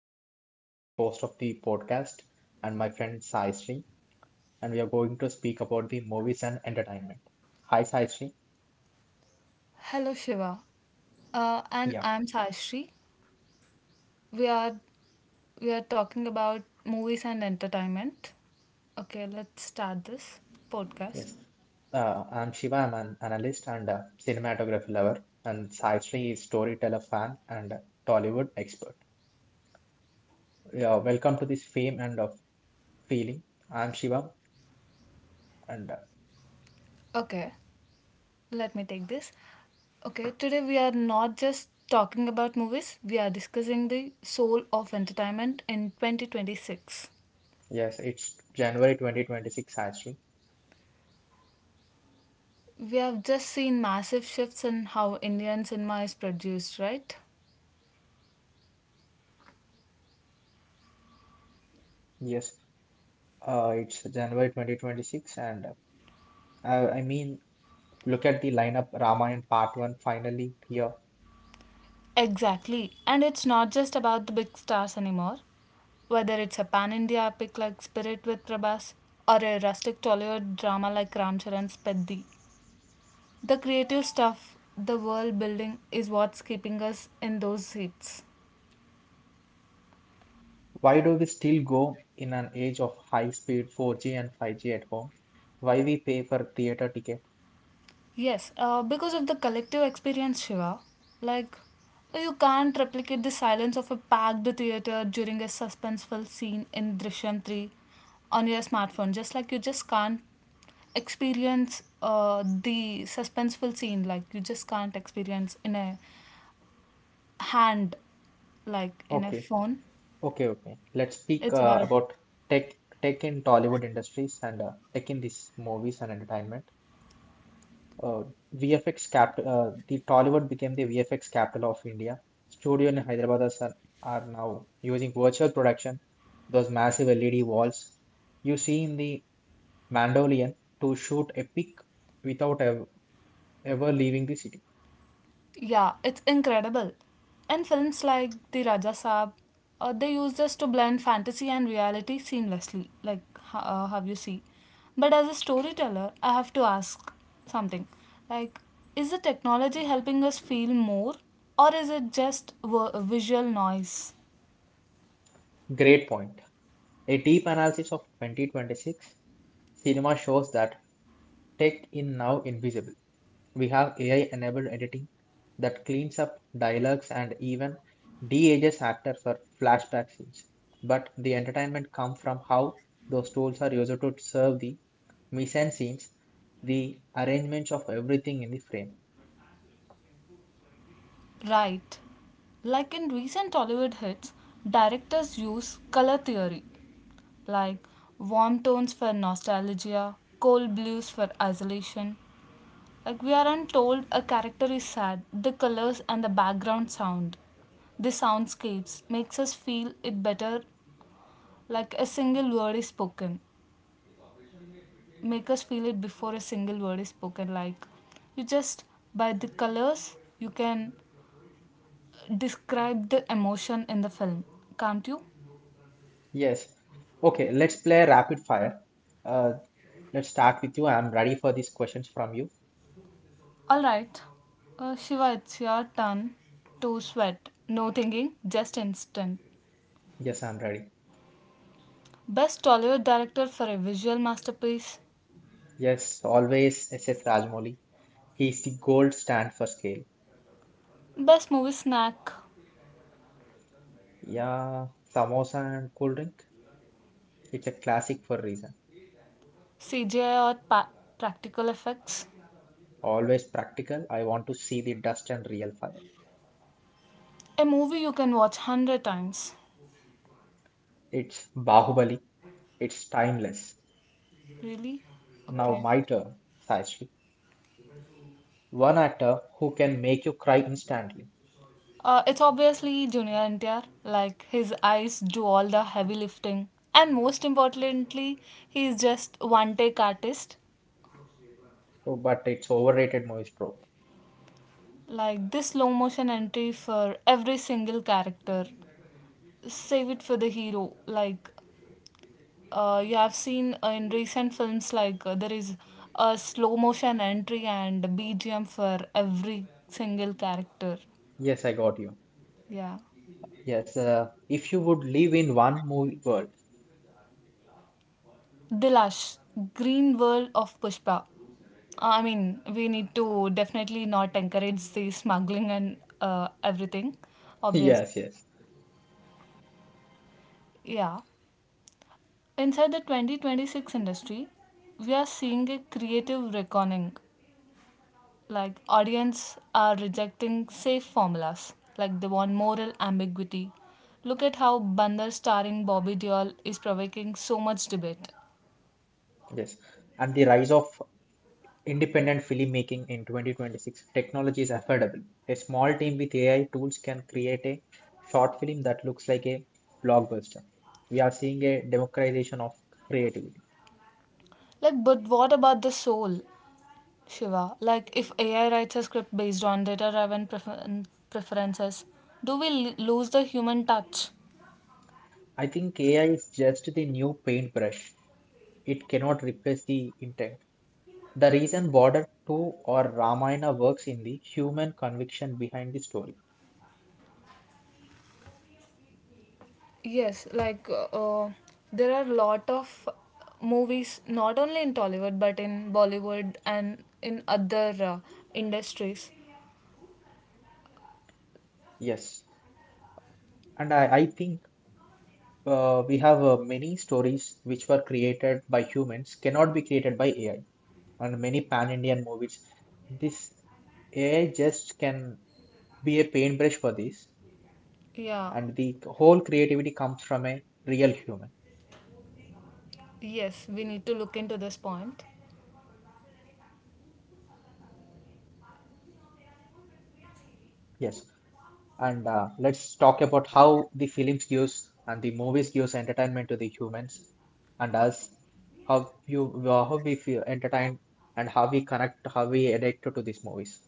Shiva, the host of the podcast, and my friend Sai Sri, and we are going to speak about the movies and entertainment. Hi, Sai Sri. Hello, Shiva. And Yeah, I'm Sashri. We are we are talking about movies and entertainment. Okay, let's start this podcast. yes. I'm Shiva, I'm an analyst and a cinematography lover, and Sai Sri is storyteller fan and a Tollywood expert. Yeah, welcome to this fame and of feeling. I'm Shiva, and Okay, let me take this. Okay, today we are not just talking about movies. We are discussing the soul of entertainment in 2026. yes, it's January 2026, Sai Sri. We have just seen massive shifts in how Indian cinema is produced, right? Yes, it's January 2026, and I, I mean, look at the lineup. Ramayana Part 1 finally here. Exactly. And it's not just about the big stars anymore. Whether it's a pan India epic like Spirit with Prabhas or a rustic Tollywood drama like Ram Charan's Peddi, the creative stuff, the world building is what's keeping us in those seats. Why do we still go in an age of high speed 4G and 5G at home? Why we pay for theater ticket? Yes, because of the collective experience, Shiva. Like, you can't replicate the silence of a packed theater during a suspenseful scene in Drishyam 3 on your smartphone. Just like you just can't experience the suspenseful scene, like, you just can't experience in a hand, like in a Okay, phone. Okay. Let's speak It's about about tech tech in Tollywood industries and tech in these movies and entertainment. Uh, VFX capital, the Tollywood became the VFX capital of India. Studio in Hyderabad are now using virtual production, those massive LED walls you see in the Mandolian, to shoot a pic without ever leaving the city. Yeah, it's incredible. And films like The Raja Saab, they use this to blend fantasy and reality seamlessly, have you see. But as a storyteller, I have to ask something. Like, is the technology helping us feel more, or is it just visual noise? Great point. A deep analysis of 2026 cinema shows that tech is now invisible. We have AI enabled editing that cleans up dialogues and even de ages actors for flashback scenes. But the entertainment comes from how those tools are used to serve the mise en scenes, the arrangements of everything in the frame. Right. Like in recent Hollywood hits, directors use color theory, like warm tones for nostalgia, cold blues for isolation. Like we aren't told a character is sad. The colors and the background sound, the soundscapes makes us feel it better. Like a single word is spoken, make us feel it before a single word is spoken. Like you just by the colors you can describe the emotion in the film, can't you? Yes. Okay, let's play rapid fire. Uh, Let's start with you. I'm ready for these questions from you. All right, Shiva, it's your turn to sweat. No thinking, just instant. Yes, I'm ready. Best Tollywood director for a visual masterpiece. Yes, always S. SS Rajmoli. He's the gold stand for scale. Best movie snack, Yeah, samosa and cold drink. It's a classic for a reason. CGI or practical effects? Always practical. I want to see the dust and real fire. A movie you can watch 100 times. It's Bahubali. It's timeless. Really? Now Okay. my turn, Saishri. One actor who can make you cry instantly. It's obviously Junior NTR. Like his eyes do all the heavy lifting, and most importantly, he's just one take artist. Oh, but it's overrated movie trope. Like this slow motion entry for every single character. Save it for the hero. Like you have seen in recent films like there is a slow motion entry and BGM for every single character. Yes, I got you. Yeah. Yes, if you would live in one movie world. Dilash, Green World of Pushpa. I mean, we need to definitely not encourage the smuggling and everything, obviously. Yes, yes. Yeah. Inside the 2026 industry, we are seeing a creative reckoning, like audience are rejecting safe formulas, like they want moral ambiguity. Look at how Bandar starring Bobby Deol is provoking so much debate. Yes. And the rise of independent filmmaking in 2026, technology is affordable. A small team with AI tools can create a short film that looks like a blockbuster. We are seeing a democratization of creativity. Like, but what about the soul, Shiva? Like if AI writes a script based on data driven preferences, do we lose the human touch? I think AI is just the new paintbrush. It cannot replace the intent. The reason Border 2 or Ramayana works in the human conviction behind the story. Yes, like there are a lot of movies not only in Tollywood but in Bollywood and in other industries. Yes. And I think we have many stories which were created by humans cannot be created by AI, and many pan-Indian movies. This AI just can be a paintbrush for this, Yeah. and the whole creativity comes from a real human. Yes, we need to look into this point. Yes, and let's talk about how the films gives and the movies gives entertainment to the humans and us. How you how we feel entertained and how we connect, how we addicted to these movies.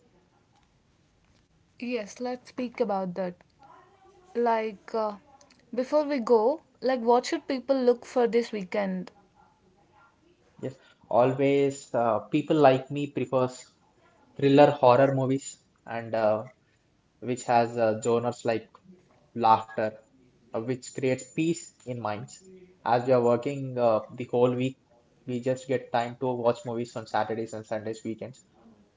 Yes, let's speak about that. Like, before we go, like, what should people look for this weekend? Yes, always people like me prefers thriller horror movies and which has genres like laughter, which creates peace in minds. As we are working the whole week, we just get time to watch movies on Saturdays and Sundays weekends.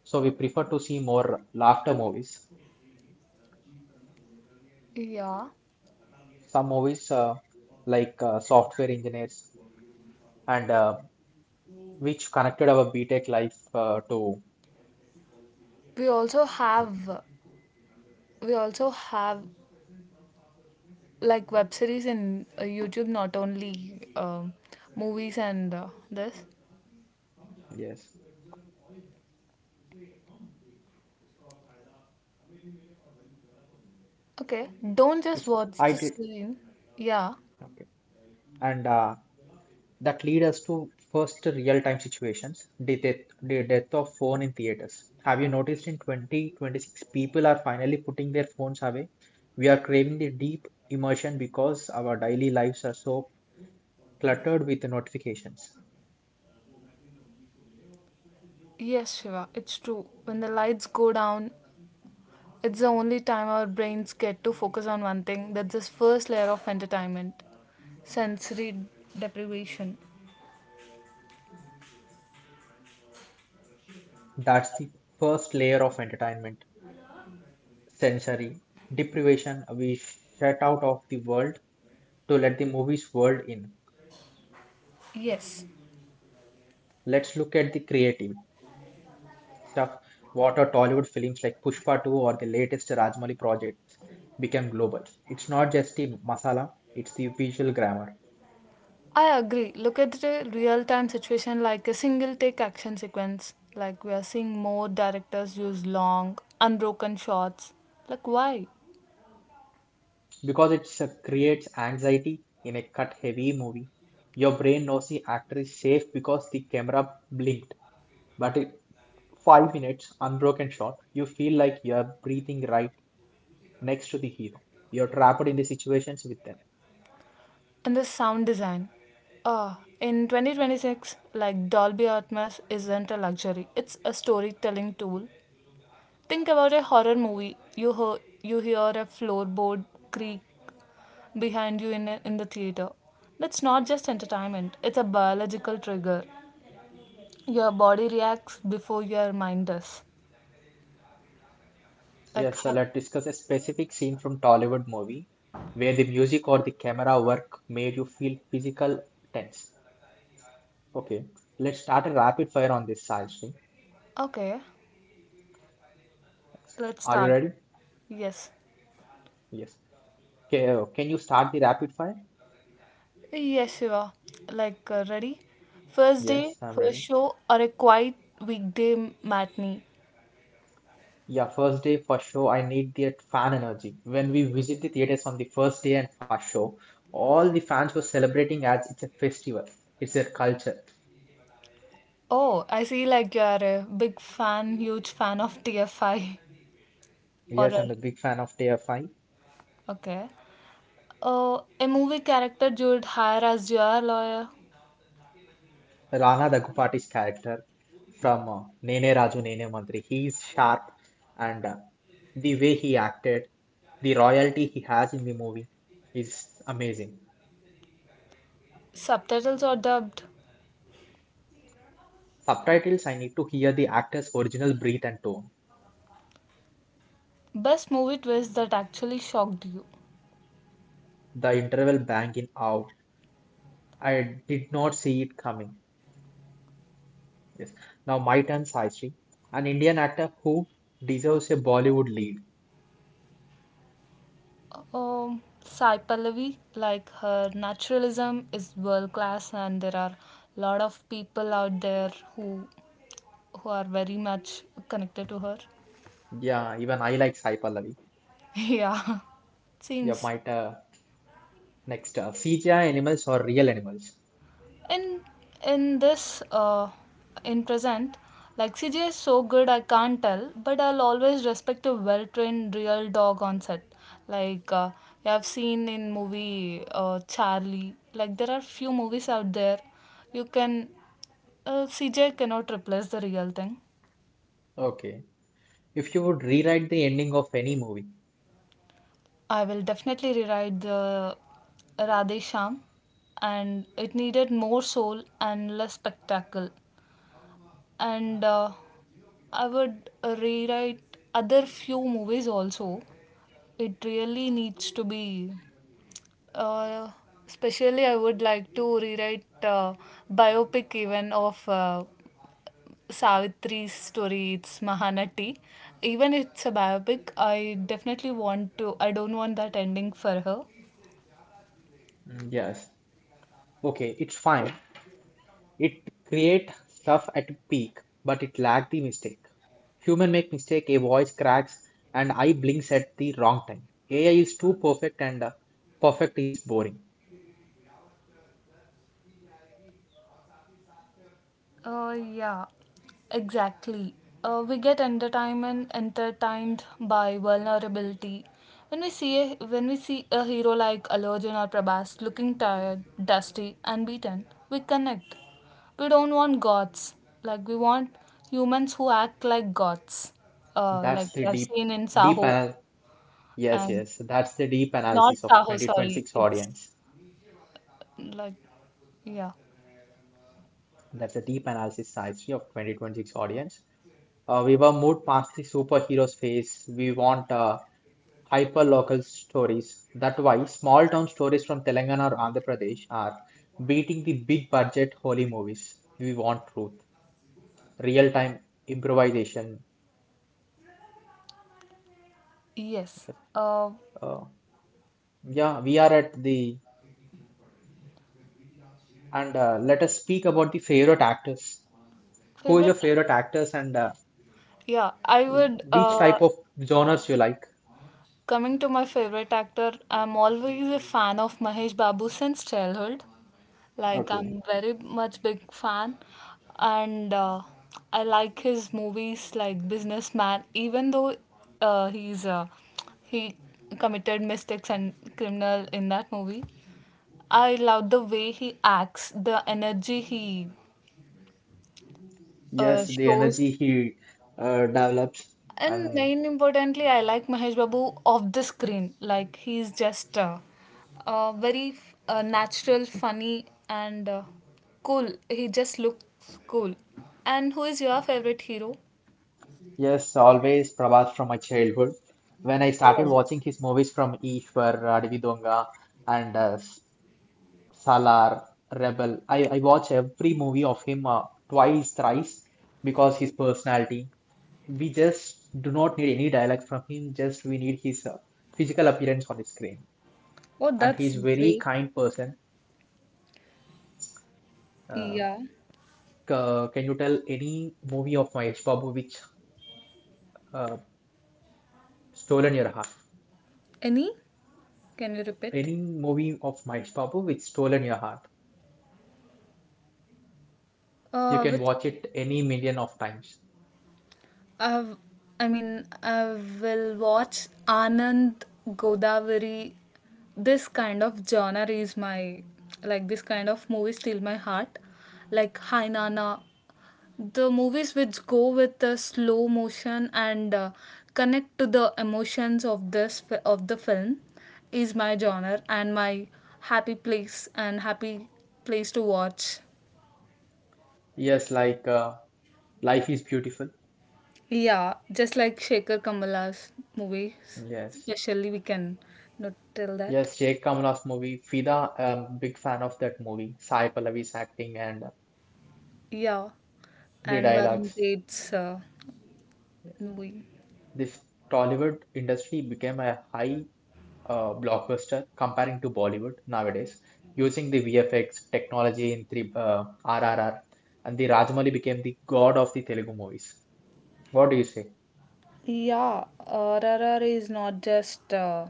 So we prefer to see more laughter movies. Yeah, Some movies like software engineers and which connected our B tech life to we also have, we also have like web series in YouTube, not only movies and this. yes, Okay, don't which just watch I the did. screen. Yeah. Okay. And that lead us to first real-time situations, the death of phone in theaters. Have you noticed in 2026 people are finally putting their phones away? We are craving the deep immersion because our daily lives are so cluttered with notifications. Yes, Shiva, it's true. When the lights go down, it's the only time our brains get to focus on one thing. That's the first layer of entertainment, sensory deprivation. That's the first layer of entertainment, sensory deprivation. We shut out of the world to let the movies world in. Yes, Let's look at the creative stuff what our Tollywood films like Pushpa 2 or the latest Rajmali projects became global. It's not just the masala, it's the visual grammar. I agree. Look at the real time situation like a single take action sequence. Like we are seeing more directors use long, unbroken shots. Like why? Because it creates anxiety in a cut heavy movie, your brain knows the actor is safe because the camera blinked. But in 5 minutes, unbroken shot, you feel like you're breathing right next to the hero. You're trapped in the situations with them. And the sound design. Ah, in 2026, like Dolby Atmos isn't a luxury, it's a storytelling tool. Think about a horror movie. You hear a floorboard creak behind you in the theater. That's not just entertainment, it's a biological trigger. Your body reacts before your mind does. Like, Yes, so let's discuss a specific scene from Tollywood movie where the music or the camera work made you feel physical tense. Okay, let's start a rapid fire on this side. Sri. okay, Next. let's Are you start. ready? Yes. Yes. Okay, can you start the rapid fire? Yes, Shiva. Like, ready? First day, Yes, I'm first ready. show, or a quiet weekday matinee? Yeah, first day for show, I need that fan energy. When we visit the theaters on the first day and first show, all the fans were celebrating as it's a festival. It's their culture. Oh, I see, like you're a big fan, huge fan of TFI. Or, Yes, I'm a big fan of TFI. okay. A movie character who'd hire as your lawyer. Rana Daggupatti's character from Nene Raju Nene Mantri. He is sharp and the way he acted, the royalty he has in the movie is amazing. Subtitles or dubbed. Subtitles, I need to hear the actor's original breath and tone. Best movie twist that actually shocked you. The interval bang in ow. I did not see it coming. Yes. Now my turn, Saishri. An Indian actor who deserves a Bollywood lead. Sai Pallavi, like her naturalism is world class, and there are a lot of people out there who are very much connected to her. Yeah, even I like Sai Pallavi. Yeah, Yeah, seems my turn. Next, CGI animals or real animals? in in this in present, like CJ is so good I can't tell, but I'll always respect a well-trained real dog on set. Like you have seen in movie Charlie, like there are few movies out there you can CJ cannot replace the real thing. Okay. If you would rewrite the ending of any movie, I will definitely rewrite the Radhe Shyam, and it needed more soul and less spectacle, and I would rewrite other few movies also. It really needs to be. Uh, especially, I would like to rewrite biopic even of Savitri's story. It's Mahanati. Even it's a biopic, I definitely want to. I don't want that ending for her. mm, yes. Okay, it's fine. It create stuff at a peak, but it lack the mistake. Human make mistake, a voice cracks, and eye blinks at the wrong time. AI is too perfect, and perfect is boring. Yeah, exactly. We get entertainment entertained by vulnerability. When we see a hero like Alojin or Prabhas looking tired, dusty, and beaten, we connect. We don't want gods. Like we want humans who act like gods. Like That's we the have deep, seen in deep Saho anal. Yes, and yes, that's the deep not analysis of Saho. Sorry, 2026 it's audience. like, yeah. That's the deep analysis size of 2026 audience. We were moved past the superhero's phase. We want hyperlocal stories. That's why small town stories from Telangana or Andhra Pradesh are beating the big budget holy movies. We want truth, real time improvisation. Yes, uh Uh, yeah, we are at the and let us speak about the favorite actors. Who is your favorite. favorite actors and Yeah, I would. which type of genres you like? Coming to my favorite actor, I'm always a fan of Mahesh Babu since childhood. Like, Okay. I'm very much big fan, and I like his movies like Businessman, even though uh, he's uh, he committed mistakes and criminal in that movie. I love the way he acts, the energy he Yes, the shows. energy he develops And and main importantly, I like Mahesh Babu off the screen. Like he's just very natural, funny, and cool. He just looks cool. And who is your favorite hero? yes, always Prabhat from my childhood. When I started Oh, watching his movies from Ishwar, Adavi Donga, and Salar, Rebel, I watch every movie of him twice, thrice because his personality. We just do not need any dialogue from him, just we need his physical appearance on the screen. oh, And that's he's very great. kind person. Uh, Yeah. Any? Can you repeat? Uh, which I've, I mean, I will watch Anand, Godavari. This kind of genre is my, like, this kind of movies steal my heart. Like, Hi Nana. The movies which go with the slow motion and connect to the emotions of the film is my genre and my happy place and happy place to watch. Yeah, just like Shekhar Kamala's movies, especially we can not tell that. Yeah, and Varun Tej's movie. Yeah, RRR is not just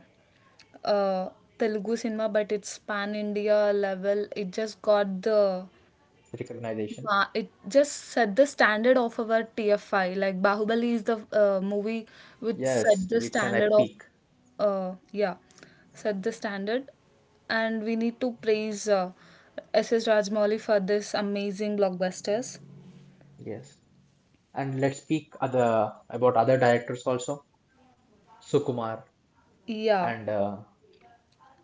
uh, Telugu cinema, but it's pan India level. It just set the standard of our TFI. Like Bahubali is the movie which set the standard of yeah, set the standard. And we need to praise S.S. Rajmouli for this amazing blockbusters. Yeah,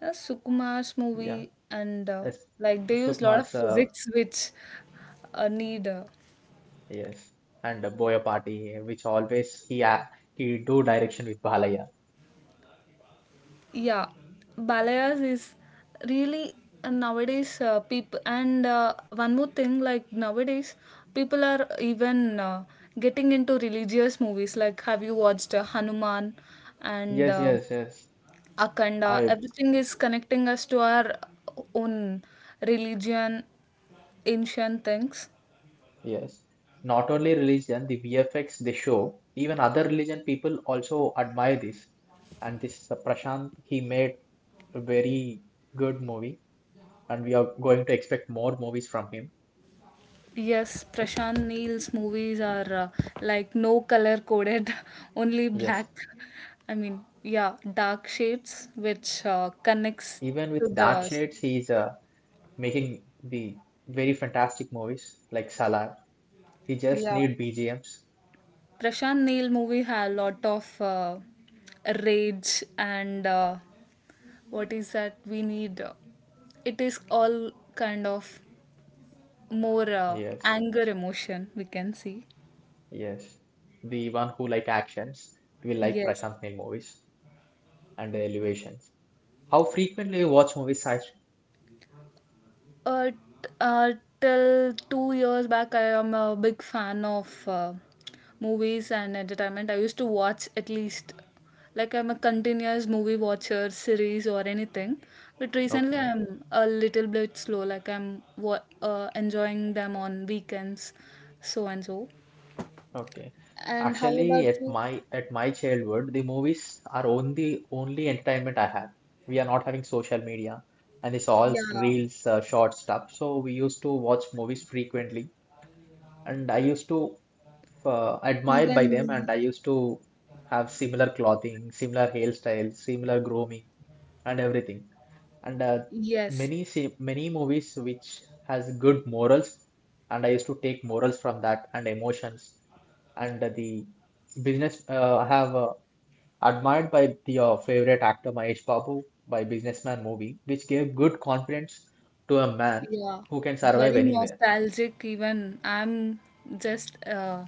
Sukumar's movie and like they use a lot of physics which need. Yeah, Balayas is really nowadays people, and one more thing, like nowadays people are even getting into religious movies. Like, have you watched Hanuman and Akhanda? Everything is connecting us to our own religion, ancient things. Yes, Prashant Neel's movies are like no color coded, only black. I mean, yeah, dark shades, which connects to the, yeah. Prashant Neel movie had a lot of rage and what is that we need. It is all kind of more anger emotion we can see. Yes, uh, t- uh, till 2 years back I am a big fan of movies and entertainment. I used to watch at least, like, I'm a continuous movie watcher, series or anything. But recently I'm a little bit slow. Like, I'm enjoying them on weekends. So and so. And how about you? Yeah, even me. Yes. Yeah, very nostalgic even. Just uh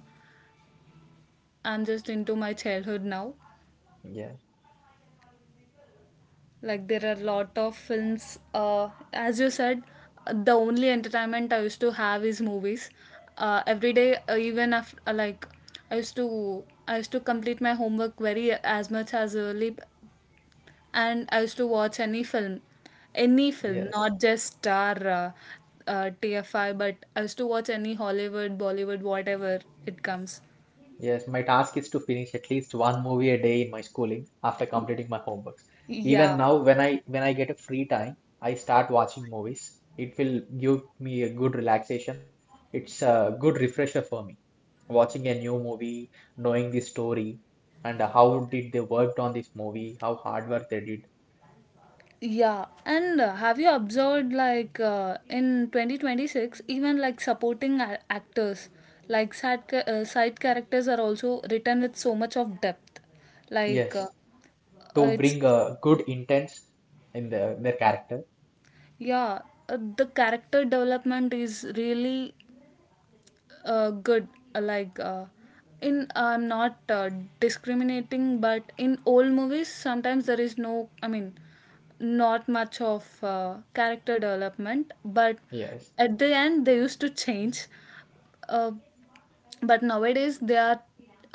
I'm just into my childhood now. Like there are a lot of films, as you said, the only entertainment I used to have is movies. Every day, even after like I used to complete my homework very as much as early, and I used to watch any film, not just Star, TFI, but I used to watch any Hollywood, Bollywood, whatever it comes. Yeah, yeah. And have you observed, like in 2026, even like supporting actors, like side characters are also written with so much of depth. Like uh, it's yeah, the character development is really good. Like in, I'm not discriminating, but in old movies sometimes there is no, I mean, not much of character development, but at the end they used to change. uh, but nowadays they are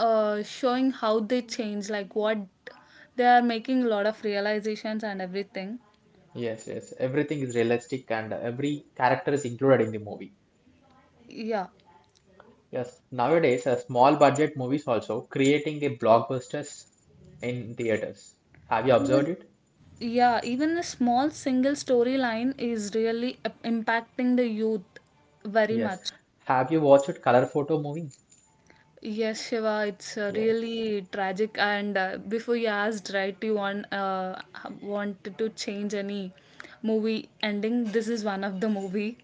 showing how they change, like what they are making a lot of realizations and everything. Yeah, even. Yeah, even a small single storyline is really impacting the youth very much. Yes, Shiva, it's really tragic. And before you asked, right, you wanted to change any movie ending. This is one of the movie.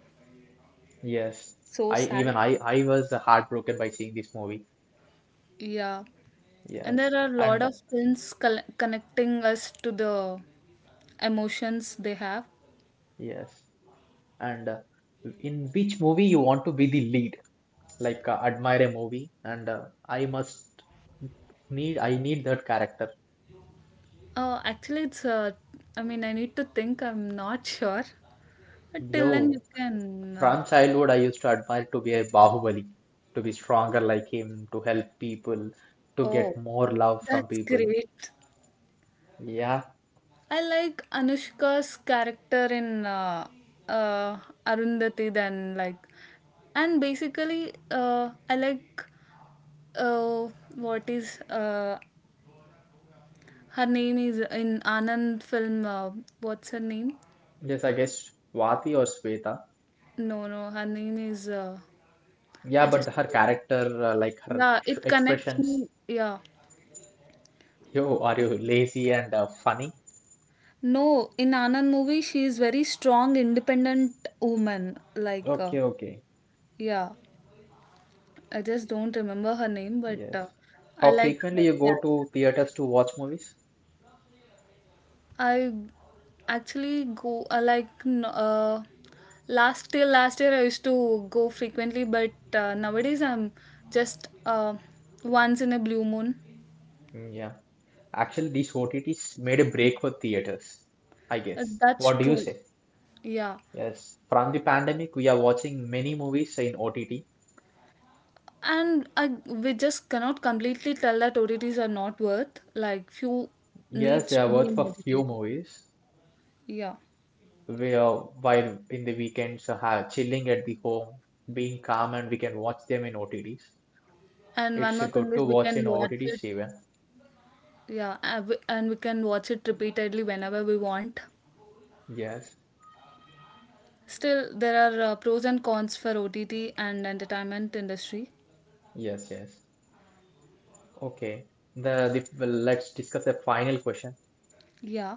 So sad. Yeah, and there are a lot of films connecting us to the emotions they have. Actually, it's I mean, I need to think. I'm not sure. But till then, you can. Oh, that's great. I like Anushka's character in uh, Arundhati than like, and basically, I like uh, what is her name is in Anand film. What's her name? No, no, her name is. I just, yeah, it connects me. Yeah, no, in Anand movie, she is very strong, independent woman. Like, yeah, I just don't remember her name, but I like her character. I actually go, I like, n- last till last year I used to go frequently, but nowadays I'm just once in a blue moon. That's true. Yeah. We just cannot completely tell that OTTs are not worth. Like few needs to be in OTT. Yeah, and one more thing is we can watch it. Yeah, and we can watch it repeatedly whenever we want. Still, there are pros and cons for OTT and entertainment industry. Yeah,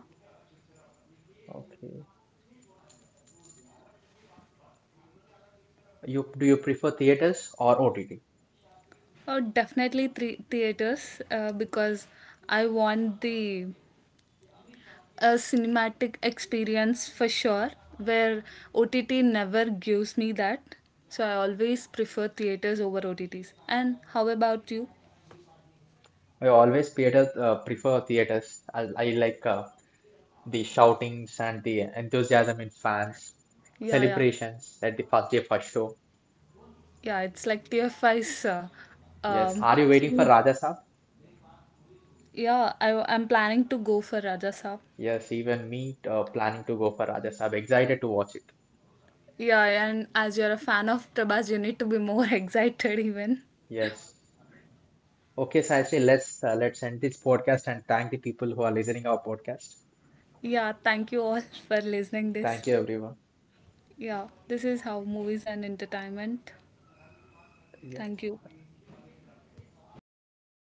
Definitely three theaters because I want the a cinematic experience for sure, where OTT never gives me that, so I always prefer theaters over OTTs. And how about you? Yeah, yeah, yeah. It's like TFI's sweet. Yeah. I'm planning to go for Raja Rajasa. Yeah. And as you're a fan of Prabhas, you need to be more excited even. Yeah. Thank you all for listening this. Yeah. This is how movies and entertainment. Thank you.